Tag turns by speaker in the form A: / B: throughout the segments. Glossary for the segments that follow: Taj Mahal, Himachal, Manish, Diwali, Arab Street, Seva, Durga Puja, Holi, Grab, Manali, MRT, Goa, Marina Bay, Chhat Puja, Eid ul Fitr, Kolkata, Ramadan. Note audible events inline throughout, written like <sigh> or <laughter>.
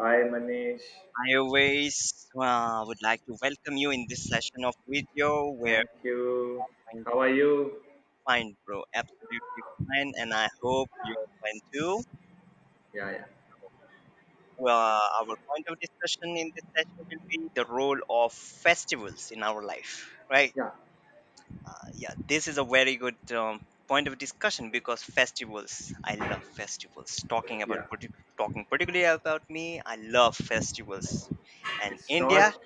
A: Hi Manish,
B: I always would like to welcome you in this session of video where
A: thank you.
B: I'm
A: How are you?
B: fine, bro, absolutely fine, and I hope you're fine too.
A: Yeah, yeah.
B: Well, our point of discussion in this session will be the role of festivals in our life, right?
A: Yeah,
B: Yeah, this is a very good point of discussion because festivals. I love festivals.
A: yeah.
B: Talking particularly about me, I love festivals, and
A: It's
B: India
A: not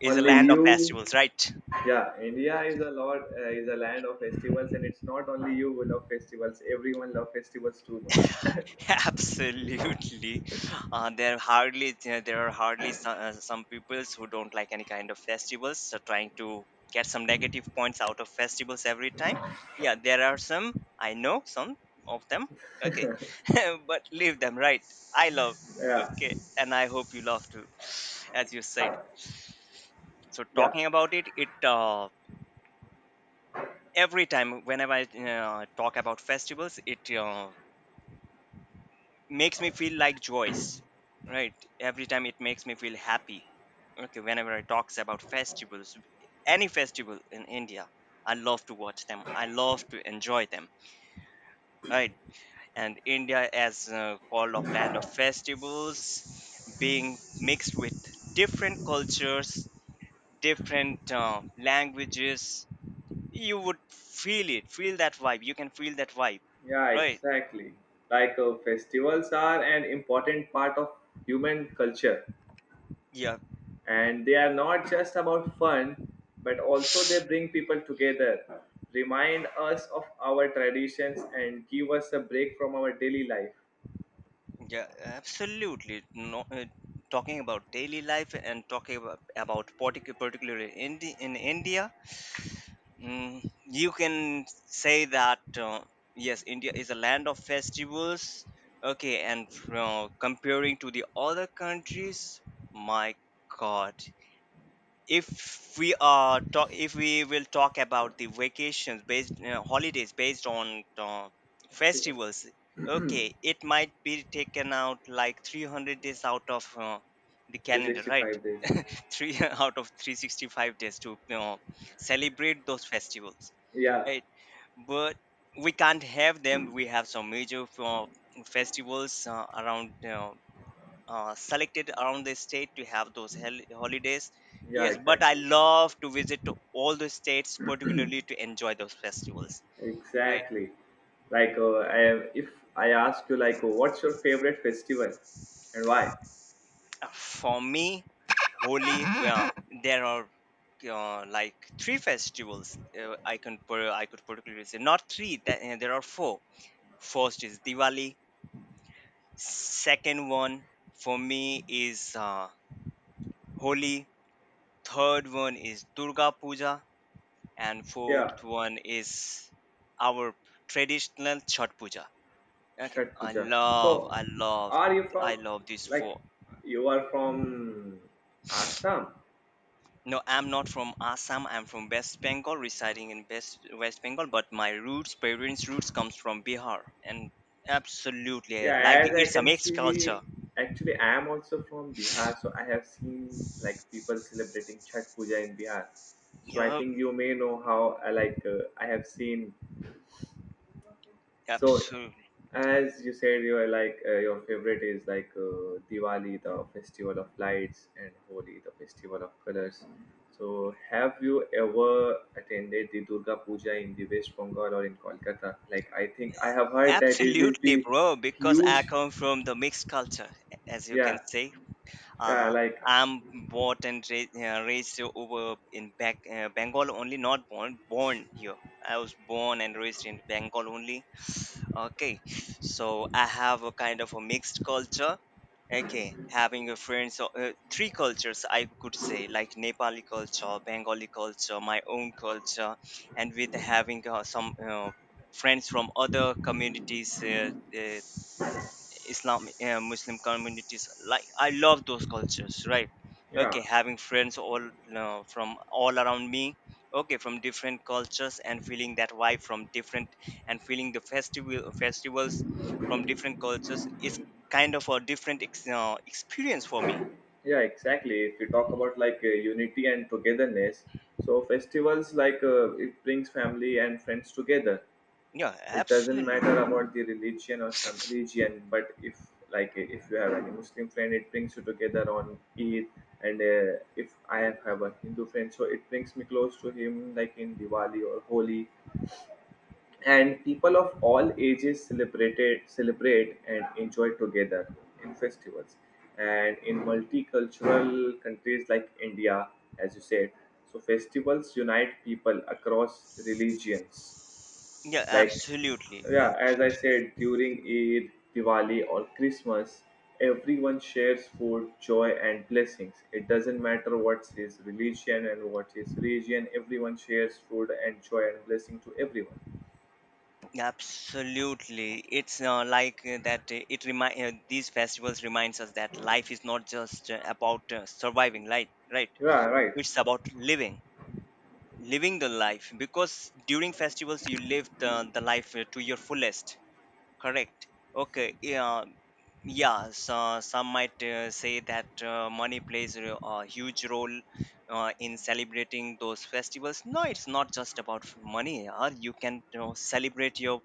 B: is a
A: only
B: land of
A: you.
B: festivals, right?
A: Yeah, India is a lot is a land of festivals, and it's not only you who love festivals. Everyone love festivals too much. <laughs>
B: <laughs> Absolutely. There are hardly some peoples who don't like any kind of festivals, so trying to get some negative points out of festivals every time. Yeah, there are some I know some of them. Okay, <laughs> but leave them right. I love.
A: Yeah,
B: Okay, and I hope you love too, as you said. So
A: yeah,
B: talking about it, every time whenever I talk about festivals, it makes me feel like joyce, right? Every time it makes me feel happy. Okay, whenever I talks about festivals, any festival in india, I love to watch them, I love to enjoy them, right? And india as called of land of festivals, being mixed with different cultures, different languages, you would feel that vibe, you can feel that vibe,
A: yeah,
B: right?
A: exactly. Like festivals are an important part of human culture,
B: Yeah.
A: and they are not just about fun but also they bring people together, remind us of our traditions and give us a break from our daily life.
B: Yeah, absolutely. No, talking about daily life and talking about particularly in India, you can say that yes, India is a land of festivals. Okay, and from comparing to the other countries, my God, if we will talk about the vacations based holidays based on festivals,
A: Festivals.
B: okay, it might be taken out like 300 days out of the calendar, right?
A: 365 days.
B: <laughs> Three out of 365 days to you celebrate those festivals,
A: Yeah,
B: right? But we can't have them. We have some major festivals around you, selected around the state to have those holidays.
A: yeah,
B: Yes, but I
A: exactly,
B: love to visit to all the states, particularly to enjoy those festivals. Right.
A: exactly. Like I am if I ask you, like, what's your favorite festival and why?
B: For me, Holi, well, there are like three festivals I could particularly say not three. That, there are four. First is Diwali. Second one for me is Holi. Third one is Durga Puja and
A: Yeah.
B: fourth one is our traditional Chhat Puja. Okay,
A: Chhat
B: I
A: puja,
B: love,
A: so
B: I love,
A: are you
B: I
A: from,
B: love these
A: like,
B: four.
A: you are from assam?
B: No, I'm not from Assam. I'm from West Bengal, residing in West Bengal. But my roots, parents' roots, comes from Bihar, and absolutely, I like
A: Yeah, as I
B: it's a
A: can
B: mixed culture.
A: see, actually, I am also from Bihar, so I have seen like people celebrating Chhat Puja in Bihar. So I
B: Yup,
A: think you may know how I have seen. So
B: absolutely,
A: as you said, you are like your favorite is like Diwali, the festival of lights, and Holi, the festival of colors. So have you ever attended the Durga Puja in the West Bengal or in Kolkata? Like I think I have heard that it is
B: absolutely,
A: the
B: bro. Because I
A: huge,
B: come from the mixed culture, as you can
A: yeah,
B: say.
A: yeah.
B: Uh,
A: Like,
B: I'm bought and raised, raised over in back, Bengal only, not born, born here. I was born and raised in Bengal only. Okay, so I have a kind of a mixed culture. Okay, having a friends, three cultures I could say, like Nepali culture, Bengali culture, my own culture, and with having some friends from other communities, islam muslim communities, like I love those cultures, right?
A: yeah,
B: Okay, having friends all from all around me, okay, from different cultures and feeling that vibe from different and feeling the festivals from different cultures is kind of a different experience for me.
A: yeah, exactly. If you talk about like unity and togetherness, so festivals, like it brings family and friends together.
B: Yeah,
A: It doesn't
B: absolutely.
A: matter about the religion or some region, but if, like if you have any muslim friend, it brings you together on eid, and if i have a hindu friend, so it brings me close to him, like in diwali or holi. And people of all ages celebrate and enjoy together in festivals, and in multicultural countries like india, as you said, so festivals unite people across religions.
B: Yeah,
A: Like,
B: absolutely.
A: yeah, as I said, during eid, diwali or christmas, everyone shares food, joy and blessings. It doesn't matter what's his religion and what his region, everyone shares food and joy and blessing to everyone.
B: Absolutely, it's like that. It remind These festivals reminds us that life is not just about surviving, right? Right?
A: Yeah, right.
B: It's about living, living the life. Because during festivals, you live the life to your fullest. Correct. Okay. Yeah. Yeah. So some might say that money plays a huge role in celebrating those festivals. No, it's not just about money. You can celebrate your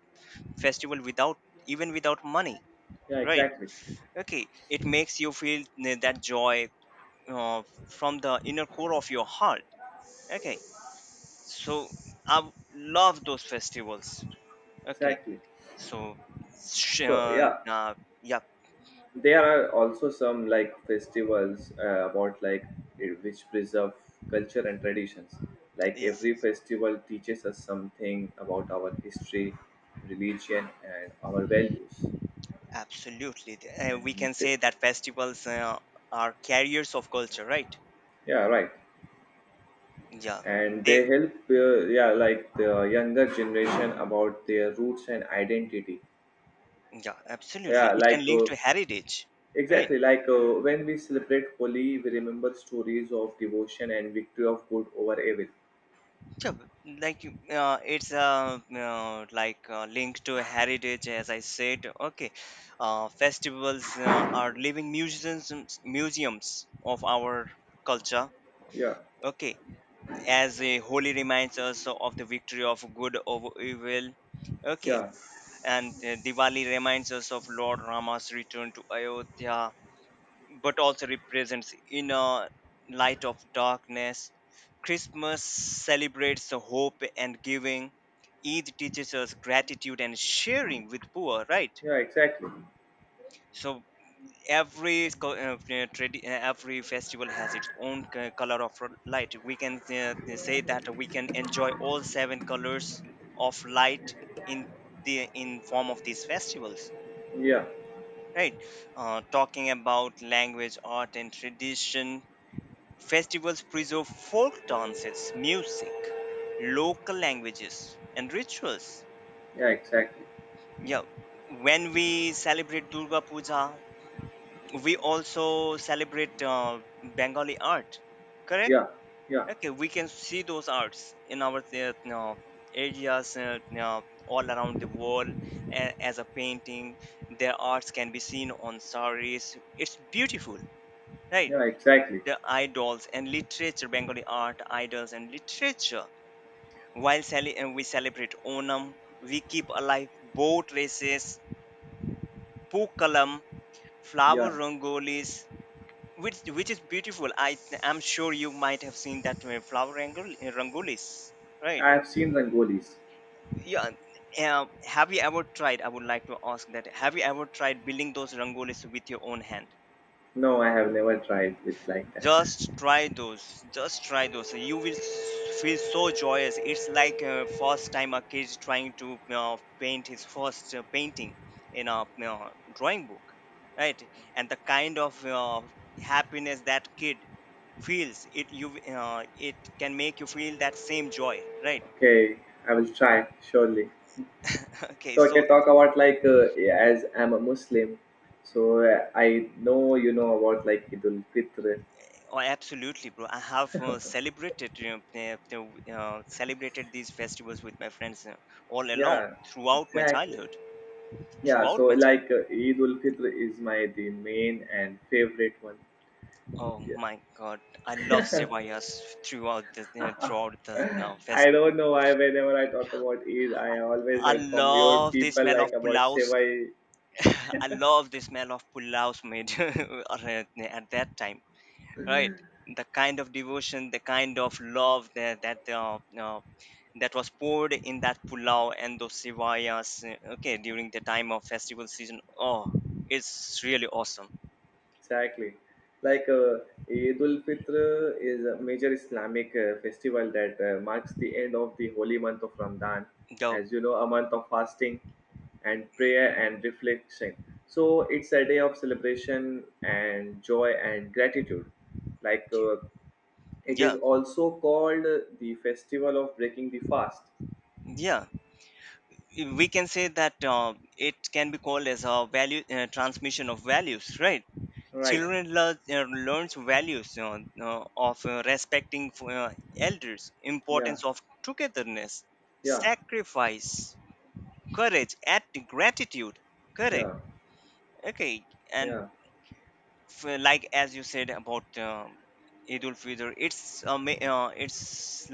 B: festival without even without money,
A: Yeah,
B: right?
A: exactly.
B: Okay, it makes you feel that joy uh, from the inner core of your heart, okay. So love those festivals, okay.
A: Exactly.
B: So sh-
A: So, yeah,
B: yeah,
A: there are also some like festivals which preserve culture and traditions. Like
B: yes,
A: every festival teaches us something about our history, religion, and our values.
B: absolutely, we
A: And
B: can
A: they,
B: say that festivals are carriers of culture, right?
A: yeah, right.
B: Yeah,
A: And
B: they
A: they help, yeah, like the younger generation about their roots and identity.
B: yeah absolutely
A: Yeah,
B: it can
A: like
B: link to heritage, right?
A: exactly, like when we celebrate Holi, we remember stories of devotion and victory of good over evil.
B: Sure, like it's linked to heritage, as I said. Okay, festivals are living museums, museums of our culture.
A: Yeah,
B: Okay, as a holy reminds us of the victory of good over evil. Okay,
A: yeah,
B: and Diwali reminds us of Lord Rama's return to Ayodhya but also represents inner light of darkness. Christmas celebrates the hope and giving. Eid teaches us gratitude and sharing with poor, right?
A: yeah, exactly.
B: So every festival has its own color of light. We can say that we can enjoy all seven colors of light in the in form of these festivals,
A: Yeah,
B: right? Talking about language, art, and tradition. Festivals preserve folk dances, music, local languages, and rituals.
A: yeah, exactly.
B: Yeah, when we celebrate Durga Puja, we also celebrate Bengali art. Correct?
A: Yeah, yeah,
B: Okay, we can see those arts in our areas all around the world as a painting. Their arts can be seen on saris. It's beautiful, right?
A: yeah, exactly.
B: The idols and literature, Bengali art, idols and literature. We celebrate Onam, we keep alive boat races, Pookalam, flower
A: Yeah,
B: rangolis, which is beautiful. I am sure you might have seen that flower rangolis, right?
A: I have seen Rangolis.
B: Yeah. Have you ever tried? I would like to ask that. Have you ever tried building those rangolis with your own hand?
A: No, I have never tried it like that.
B: Just try those, just try those, you will feel so joyous. It's like first time a kid trying to paint his first painting in a drawing book, right? And the kind of happiness that kid feels it you it can make you feel that same joy, right?
A: Okay, I will try surely.
B: <laughs> Okay,
A: So I
B: so
A: can talk about like as I'm a Muslim, so I know you know about like Idul Fitr.
B: oh, absolutely bro, I have celebrated celebrated these festivals with my friends all along
A: Yeah,
B: throughout my
A: exactly.
B: childhood,
A: Yeah,
B: throughout
A: so
B: my child.
A: like Eid ul Fitr is my the main and favorite one.
B: Oh
A: Yeah.
B: my god, I love sevayas throughout the throughout the
A: <laughs> I
B: festival.
A: don't know why whenever I talk about Eid, I always
B: I
A: heard from your
B: love the
A: people
B: smell
A: like
B: of
A: about
B: pulaus.
A: Seva
B: <laughs> I love the smell of pulaus made <laughs> at that time, right? The kind of devotion, the kind of love that that was poured in that pulao and those sevayas. Okay, during the time of festival season, oh, it's really awesome.
A: exactly. Like Eid ul Fitr is a major Islamic festival that marks the end of the holy month of Ramadan,
B: The
A: as you know, a month of fasting and prayer and reflection. So it's a day of celebration and joy and gratitude. Like it is
B: yeah,
A: also called the festival of breaking the fast.
B: yeah. We can say that it can be called as a value transmission of values, right?
A: Right.
B: Children learn learns values of respecting for, elders,
A: Yeah.
B: importance of togetherness,
A: Yeah.
B: sacrifice, courage and gratitude, correct?
A: Yeah.
B: Okay, and
A: Yeah.
B: like as you said about Eid ul Fitr, it's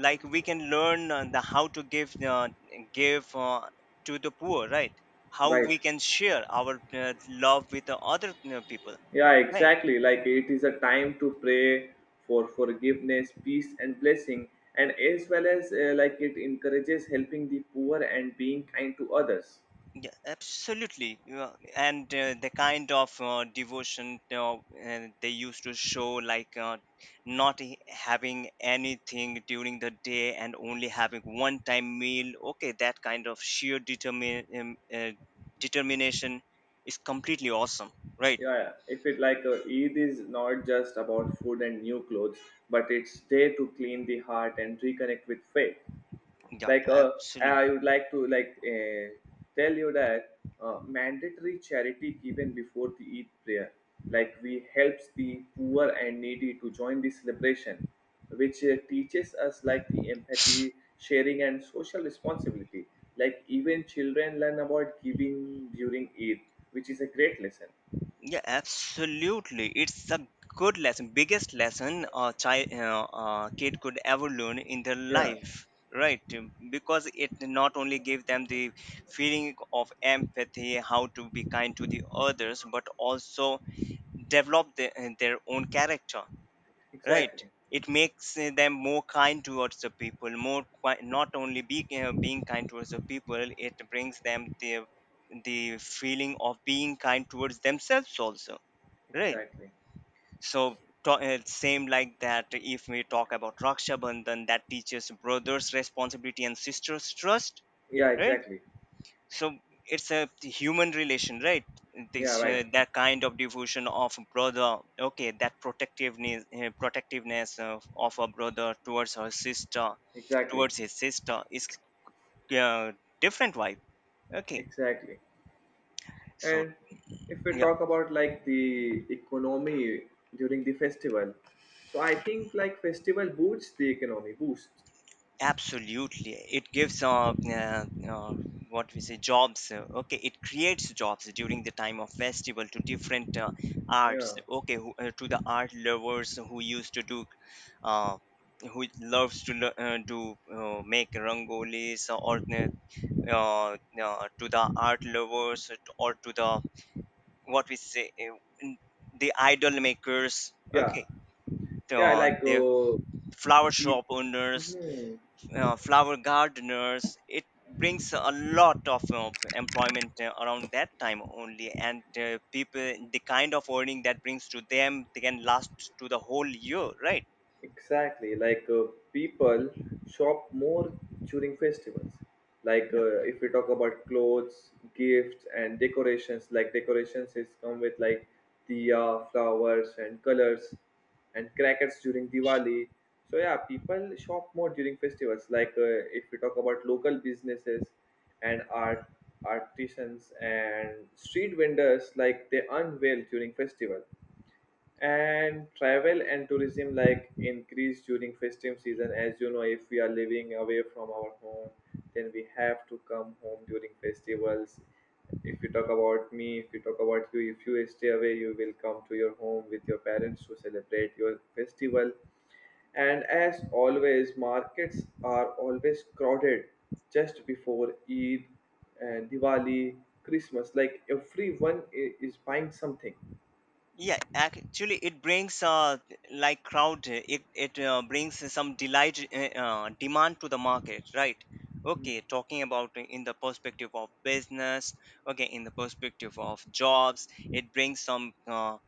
B: like we can learn the how to give to the poor, right? How
A: Right.
B: we can share our love with the other people,
A: Yeah,
B: right?
A: exactly. Like it is a time to pray for forgiveness, peace, and blessing, and as well as like it encourages helping the poor and being kind to others.
B: Yeah, absolutely. Yeah. And the kind of devotion they used to show, like not having anything during the day and only having one time meal, okay, that kind of sheer determination is completely awesome, right?
A: Yeah, if it like Eid is not just about food and new clothes, but it's day to clean the heart and reconnect with faith.
B: Yeah,
A: Like I
B: absolutely.
A: would like to like tell you that mandatory charity given before the eid prayer, like we helps the poor and needy to join the celebration, which teaches us like the empathy, sharing and social responsibility. Like even children learn about giving during eid, which is a great lesson.
B: Yeah, absolutely. It's a good lesson, biggest lesson a child, kid could ever learn in their
A: Yeah,
B: life, right? Because it not only gave them the feeling of empathy, how to be kind to the others, but also develop their own character, right?
A: exactly,
B: It makes them more kind towards the people, more qui- not only be, being kind towards the people, it brings them the feeling of being kind towards themselves also, right?
A: exactly,
B: So it same like that if we talk about raksha bandhan that teaches brothers responsibility and sisters trust,
A: yeah,
B: right?
A: exactly,
B: So it's a human relation, right? This
A: yeah, right,
B: that kind of devotion of brother, okay, that protectiveness of a brother towards her sister
A: exactly,
B: towards his sister is uh, different vibe, okay.
A: exactly.
B: So
A: And if we
B: yeah.
A: talk about like the economy during the festival, so I think like festival boosts the economy, boost.
B: Absolutely, it gives what we say jobs. Okay, it creates jobs during the time of festival to different arts.
A: Yeah,
B: Okay, who, to the art lovers who used to do, uh, who loves to to make rangolis or uh, to the art lovers or to the what we say the idol makers.
A: yeah,
B: Okay,
A: yeah. Like
B: the flower shop owners,
A: people.
B: flower gardeners, it brings a lot of employment around that time only. And people, the kind of earning that brings to them, they can last to the whole year, right?
A: Exactly, like people shop more during festivals. Like
B: yeah
A: if we talk about clothes, gifts, and decorations, like decorations is come with like diya, flowers, and colors, and crackers during Diwali. So yeah, people shop more during festivals. Like if we talk about local businesses and artisans and street vendors, like they unveil during festival, and travel and tourism like increase during festive season. As you know, if we are living away from our home, then we have to come home during festivals. If you talk about me, if you talk about you, if you stay away, you will come to your home with your parents to celebrate your festival. And as always, markets are always crowded just before eid and diwali, christmas, like everyone is buying something.
B: Yeah, actually it brings like crowd, it brings some delight, demand to the market, right?
A: Hmm.
B: Okay, talking about in the perspective of business, okay, in the perspective of jobs, it brings some uh,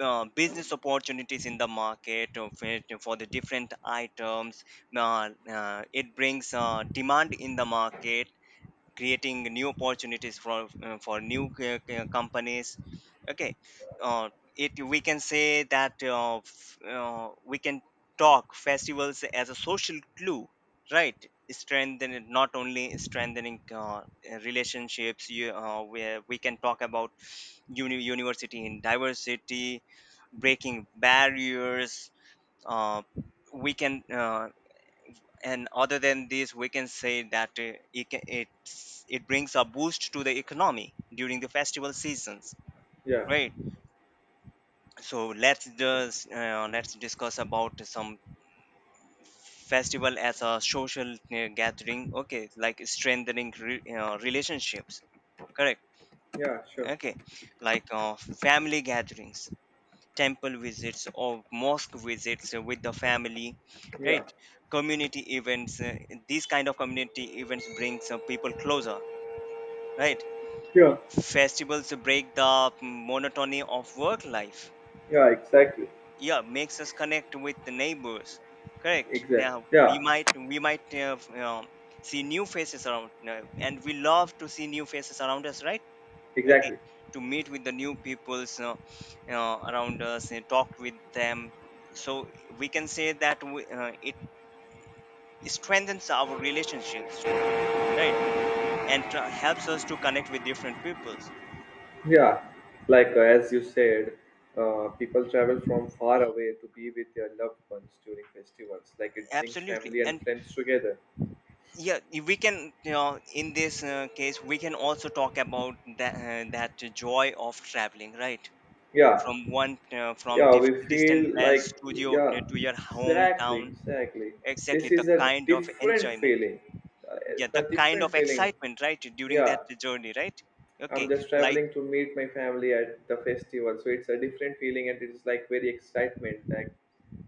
B: business opportunities in the market of it for the different items. It brings demand in the market, creating new opportunities for new companies. Okay, uh, it we can say that we can talk festivals as a social glue, right? Strengthen, not only strengthening relationships. You where we can talk about university in diversity, breaking barriers, uh, we can and other than this we can say that it brings a boost to the economy during the festival seasons,
A: Yeah,
B: right? So let's discuss about some festival as a social gathering. Okay, like strengthening relationships, correct?
A: yeah, sure.
B: Okay, like family gatherings, temple visits or mosque visits with the family, right?
A: Yeah.
B: Community events, these kind of community events brings people closer, right?
A: Sure.
B: Festivals break the monotony of work life,
A: Yeah. Exactly.
B: yeah, makes us connect with the neighbors, correct?
A: Exactly.
B: Now we
A: Yeah.
B: might we might see new faces around, and we love to see new faces around us, right? Okay,
A: Exactly.
B: to meet with the new peoples, you know, around us and talk with them. So we can say that it strengthens our relationships, right? And helps us to connect with different peoples.
A: Yeah. Like as you said, people travel from far away to be with their loved ones during festivals. Like it brings
B: Absolutely.
A: family and
B: And
A: friends together.
B: yeah, we can, you know, in this case we can also talk about that, that joy of traveling, right?
A: Yeah.
B: From one
A: Yeah. We
B: distant
A: feel
B: place
A: like,
B: to your,
A: yeah.
B: to your
A: Exactly.
B: hometown.
A: Exactly.
B: Exactly,
A: This
B: the
A: is a
B: kind of
A: different
B: enjoyment,
A: feeling. Uh,
B: yeah, the
A: the
B: kind of
A: different feeling.
B: excitement, right, during
A: Yeah.
B: that journey, right? Okay,
A: I'm just
B: like
A: traveling to meet my family at the festival, so it's a different feeling and it's like very excitement that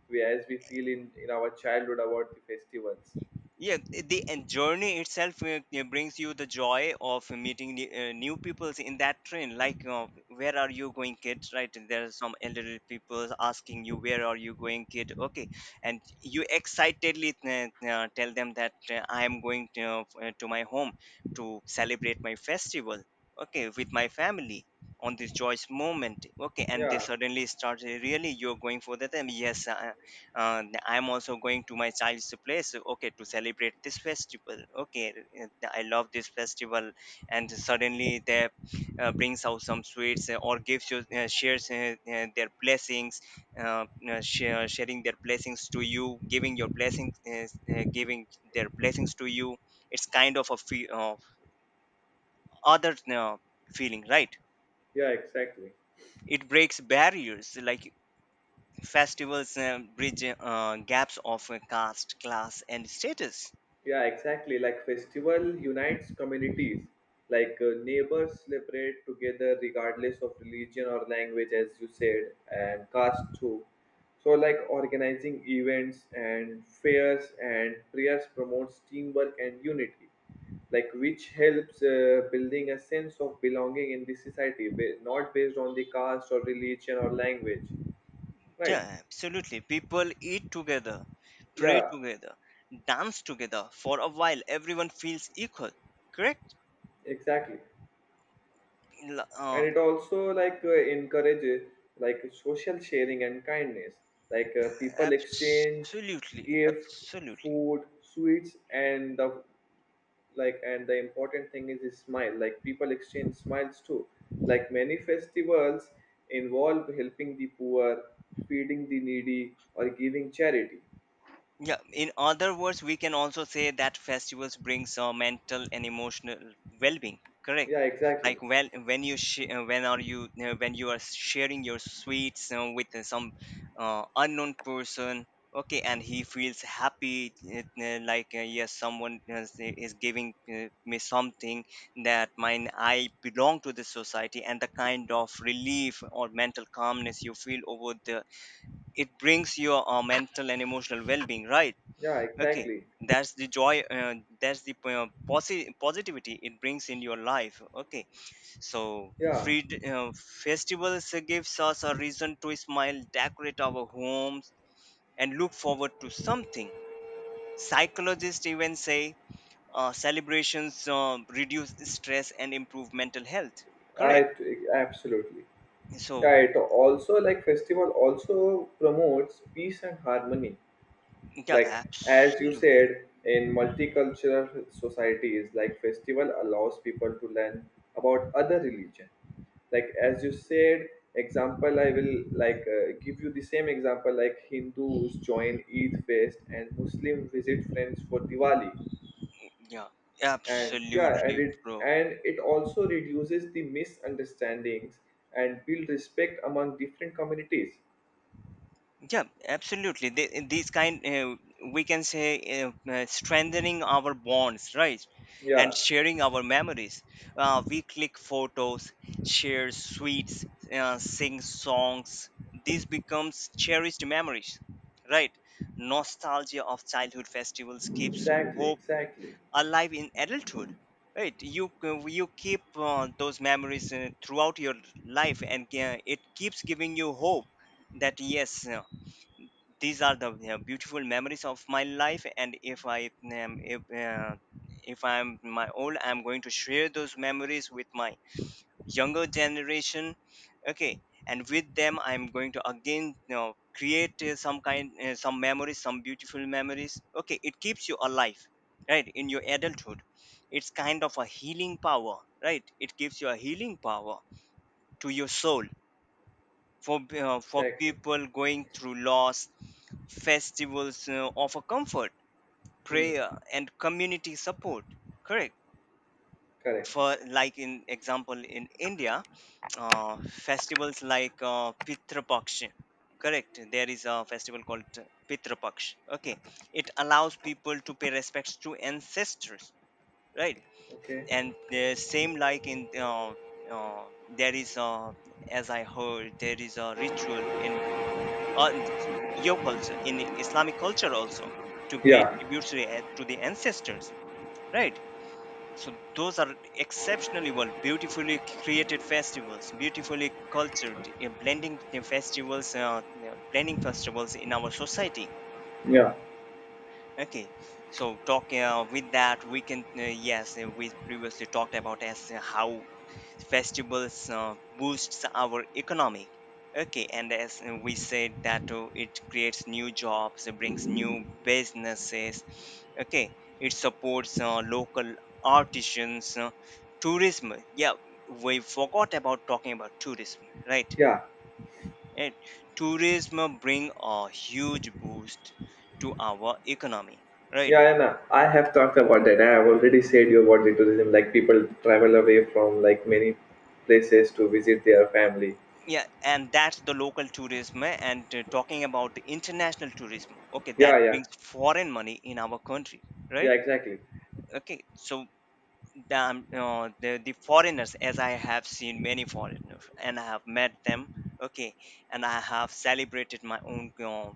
A: we as we feel in our childhood about the festivals.
B: yeah, the and journey itself brings you the joy of meeting new, new peoples in that train. Like, where are you going, kid, right? And there are some elderly people asking you, "Where are you going, kid?" Okay, and you excitedly tell them that I am going to, to my home to celebrate my festival. Okay, with my family on this joyous moment. Okay, and they
A: Yeah,
B: suddenly start, really, you're going for that? And yes, I'm also going to my child's place, okay, to celebrate this festival. Okay, I love this festival. And suddenly they brings out some sweets or gives you, shares their blessings, sharing their blessings to you, giving your blessings, giving their blessings to you. It's kind of a fe- other feeling, right?
A: yeah, exactly.
B: It breaks barriers, like festivals bridge gaps of caste, class and status.
A: Yeah, exactly. Like festival unites communities. Like neighbors celebrate together regardless of religion or language, as you said, and caste too. So like organizing events and fairs and prayers promotes teamwork and unity, like which helps building a sense of belonging in the society, not based on the caste or religion or language. Right?
B: Yeah, absolutely. People eat together, pray
A: Yeah,
B: together, dance together. For a while, everyone feels equal, correct?
A: exactly.
B: L-
A: And
B: Uh,
A: it also like encourages like social sharing and kindness. Like people exchange
B: Absolutely,
A: gift,
B: absolutely.
A: food, sweets and the, like, and the important thing is smile, like people exchange smiles too. Like many festivals involve helping the poor, feeding the needy or giving charity.
B: Yeah, in other words, we can also say that festivals bring some mental and emotional well-being, correct.
A: Yeah, exactly,
B: Like when you sh- when are you when you are sharing your sweets with some unknown person. Okay, and he feels happy, like, yes, someone is giving me something that mine. I belong to this society, and the kind of relief or mental calmness you feel over the, it brings your mental and emotional well-being, right?
A: yeah,
B: Okay,
A: exactly,
B: that's the joy, that's the positivity it brings in your life. Okay, so
A: yeah,
B: free, uh, festivals gives us a reason to smile, decorate our homes and look forward to something. Psychologists even say celebrations reduce stress and improve mental health,
A: I
B: correct?
A: absolutely.
B: So
A: Yeah, it also like festival also promotes peace and harmony.
B: yeah,
A: Like as you said,
B: absolutely.
A: in multicultural societies, like festival allows people to learn about other religion. Like as you said, example I will like give you the same example like Hindus join Eid fest and Muslim visit friends for Diwali.
B: Yeah,
A: And yeah, and
B: absolutely, bro.
A: it also reduces the misunderstandings and build respect among different communities.
B: Yeah, absolutely, they, these kind, we can say, strengthening our bonds, right? And
A: Yeah,
B: sharing our memories, we click photos, share sweets, sing songs, this becomes cherished memories, right? Nostalgia of childhood festivals keeps
A: exactly,
B: hope
A: exactly,
B: alive in adulthood, right? You you keep those memories throughout your life, and it keeps giving you hope that, yes, these are the beautiful memories of my life, and if I um, if, uh, if I'm my old, I'm going to share those memories with my younger generation. Okay, and with them I'm going to again, you know, create some memories, some beautiful memories. Okay, it keeps you alive, right, in your adulthood. It's kind of a healing power, right, it gives you a healing power to your soul. For for
A: exactly.
B: people going through loss, festivals offer comfort,
A: Hmm,
B: prayer and community support, correct?
A: correct.
B: For like in example in India, uh, festivals like pitrapaksha, correct, there is a festival called pitrapaksh. Okay, it allows people to pay respects to ancestors, right?
A: Okay.
B: And the same like in uh, there is a, as I heard, there is a ritual in, on your culture, in Islamic culture also, to pay
A: Yeah,
B: tribute to, to the ancestors, right? So those are exceptionally well, beautifully created festivals, beautifully cultured, blending the festivals, you know, blending festivals in our society.
A: yeah,
B: Okay, so talking with that we can, yes, we previously talked about as how festivals boosts our economy. Okay, and as we said that it creates new jobs, it brings new businesses. Okay, it supports local artisans, tourism. Yeah, we forgot about talking about tourism, right?
A: yeah,
B: And tourism bring a huge boost to our economy, right?
A: yeah. And I have talked about that. I have already said you about the tourism. Like people travel away from like many places to visit their family.
B: Yeah, and that's the local tourism, eh, and talking about the international tourism, okay, that
A: Yeah, yeah,
B: brings foreign money in our country,
A: yeah.
B: right?
A: Exactly.
B: Okay, so damn, the foreigners, as I have seen many foreigners and I have met them. Okay, and I have celebrated my own uh,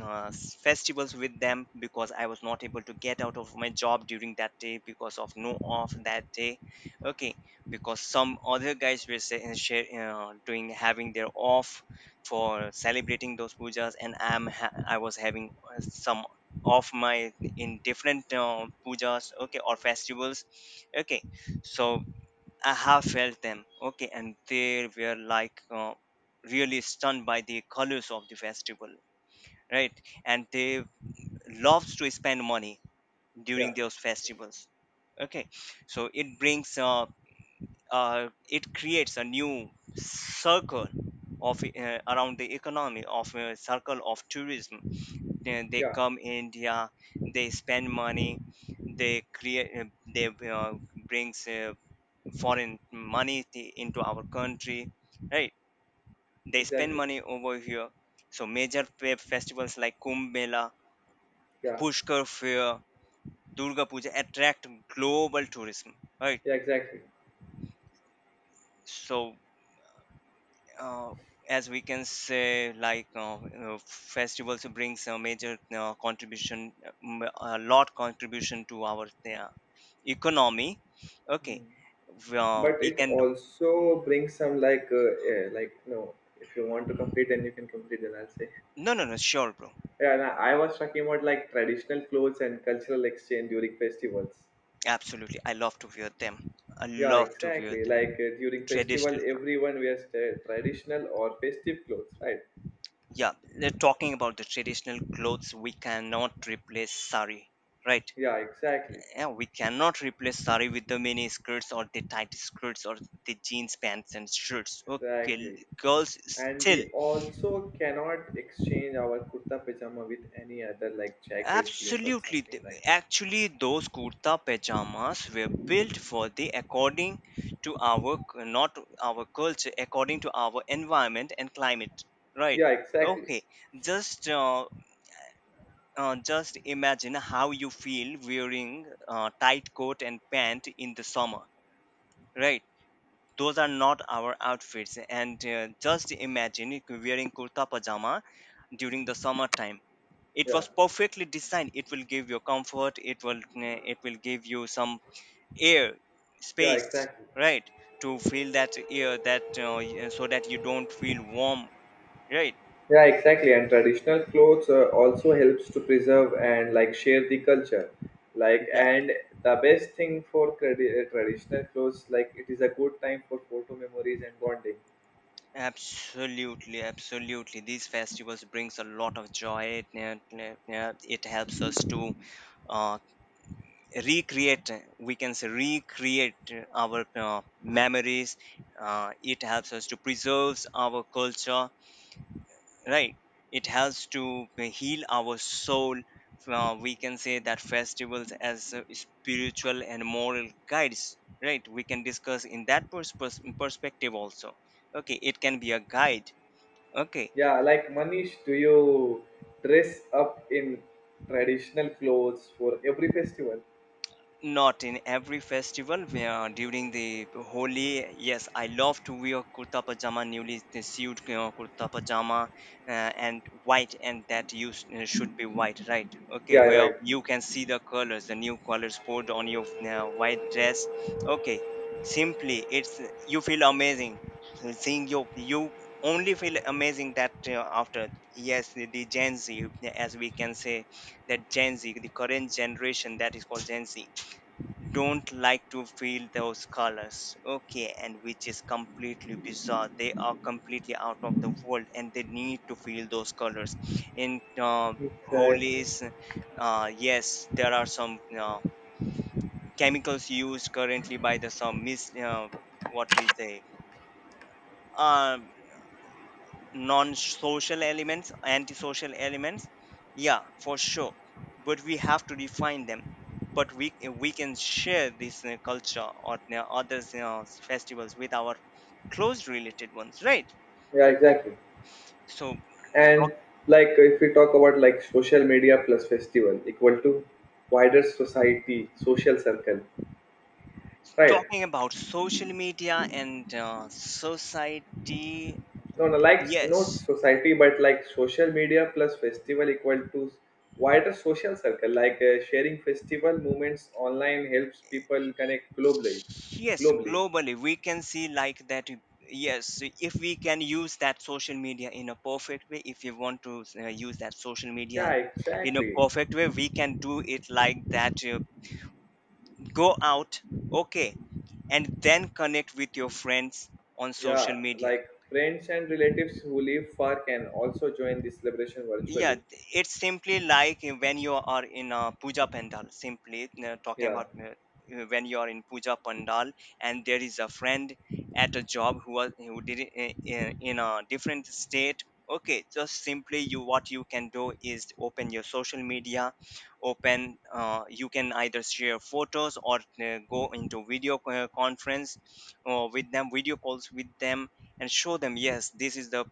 B: uh, s- festivals with them, because I was not able to get out of my job during that day because of no off that day. Okay, because some other guys were say, share, doing having their off for celebrating those pujas, and I was having some of my in different pujas, okay, or festivals. Okay, so I have felt them. Okay, and they were like, really stunned by the colors of the festival, right? And they loves to spend money
A: Yeah,
B: during those festivals. Okay, so it brings it creates a new circle of around the economy, of a circle of tourism. Then they
A: yeah,
B: come India, they spend money, they create, they uh, brings foreign money into our country, right? They spend
A: exactly.
B: money over here. So major festivals like Kumbh Mela,
A: Yeah,
B: Pushkar Fair, Durga Puja attract global tourism, right?
A: yeah, exactly.
B: So uh, as we can say, like uh, festivals brings a major contribution, um, a lot contribution to our uh, economy. Okay,
A: Hmm. But
B: we
A: it
B: can,
A: also brings some like like no. If you want to complete, then you can complete. Then I'll say.
B: no no no, sure, bro.
A: Yeah, and I was talking about like traditional clothes and cultural exchange during festivals.
B: Absolutely, I love to wear them, I
A: Yeah,
B: love to wear
A: exactly. Like
B: them.
A: during
B: Traditional
A: festival, everyone wears traditional or festive clothes, right?
B: yeah, they're talking about the traditional clothes. We cannot replace sari, right?
A: Yeah, exactly,
B: Yeah, we cannot replace sari with the mini skirts or the tight skirts or the jeans pants and shirts. Okay,
A: exactly.
B: girls
A: And
B: still,
A: we also cannot exchange our kurta pajama with any other like jacket, jeans, or
B: absolutely.
A: something like that.
B: Actually, those kurta pajamas were built for the, according to our not our culture, according to our environment and climate, right?
A: Yeah, exactly.
B: Okay. Just uh, just imagine how you feel wearing tight coat and pant in the summer, right? Those are not our outfits. And just imagine wearing kurta pajama during the summertime, it
A: Yeah,
B: was perfectly designed, it will give you comfort, it will give you some air,
A: yeah,
B: space,
A: exactly.
B: right, to feel that air that, so that you don't feel warm, right?
A: Yeah, exactly. And traditional clothes also helps to preserve and like share the culture. Like,
B: Yeah,
A: and the best thing for traditional clothes, like it is a good time for photo memories and bonding.
B: absolutely, absolutely. These festivals brings a lot of joy, it, it, it helps us to uh, recreate, we can say recreate our memories. It helps us to preserve our culture, right, it helps to heal our soul. We can say that festivals as spiritual and moral guides, right? We can discuss in that perspective also. Okay, it can be a guide. Okay,
A: Yeah, like Manish, do you dress up in traditional clothes for every festival?
B: not in every festival. Where during the Holi, yes, I love to wear kurta pajama, newly sewed, you know, kurta pajama, and white, and that used should be white, right? Okay,
A: Yeah,
B: where
A: right.
B: you can see the colors, the new colors poured on your white dress. Okay, simply, it's, you feel amazing seeing your you only feel amazing that after yes, the Gen Z, as we can say, that Gen Z, the current generation that is called Gen Z, don't like to feel those colors. Okay, and which is completely bizarre, they are completely out of the world and they need to feel those colors in,
A: Exactly.
B: holies. Yes, there are some chemicals used currently by the some mis what we say, um non-social elements, antisocial elements, yeah, for sure. But we have to define them, but we can share this culture or, you know, others festivals with our close related ones, right?
A: Yeah, exactly.
B: So talk,
A: And like if we talk about like social media plus festival equal to wider society social circle, right?
B: talking about social media and society.
A: No, no, like no
B: Yes.
A: society, but like social media plus festival equal to wider social circle. Like sharing festival movements online helps people connect globally.
B: Yes,
A: Globally,
B: globally we can see like that. Yes, if we can use that social media in a perfect way, if you want to use that social media
A: yeah,
B: in a
A: exactly.
B: perfect way, we can do it like that. Go out, okay, and then connect with your friends on social
A: Yeah,
B: media.
A: like friends and relatives who live far can also join the celebration
B: Yeah,
A: virtually.
B: it's simply like when you are in a puja pandal, simply talking
A: Yeah.
B: about when you are in puja pandal, and there is a friend at a job who was who did it in a different state. Okay, just simply, you, what you can do is open your social media, open you can either share photos or go into video conference, or with them video calls with them, and show them yes, this is the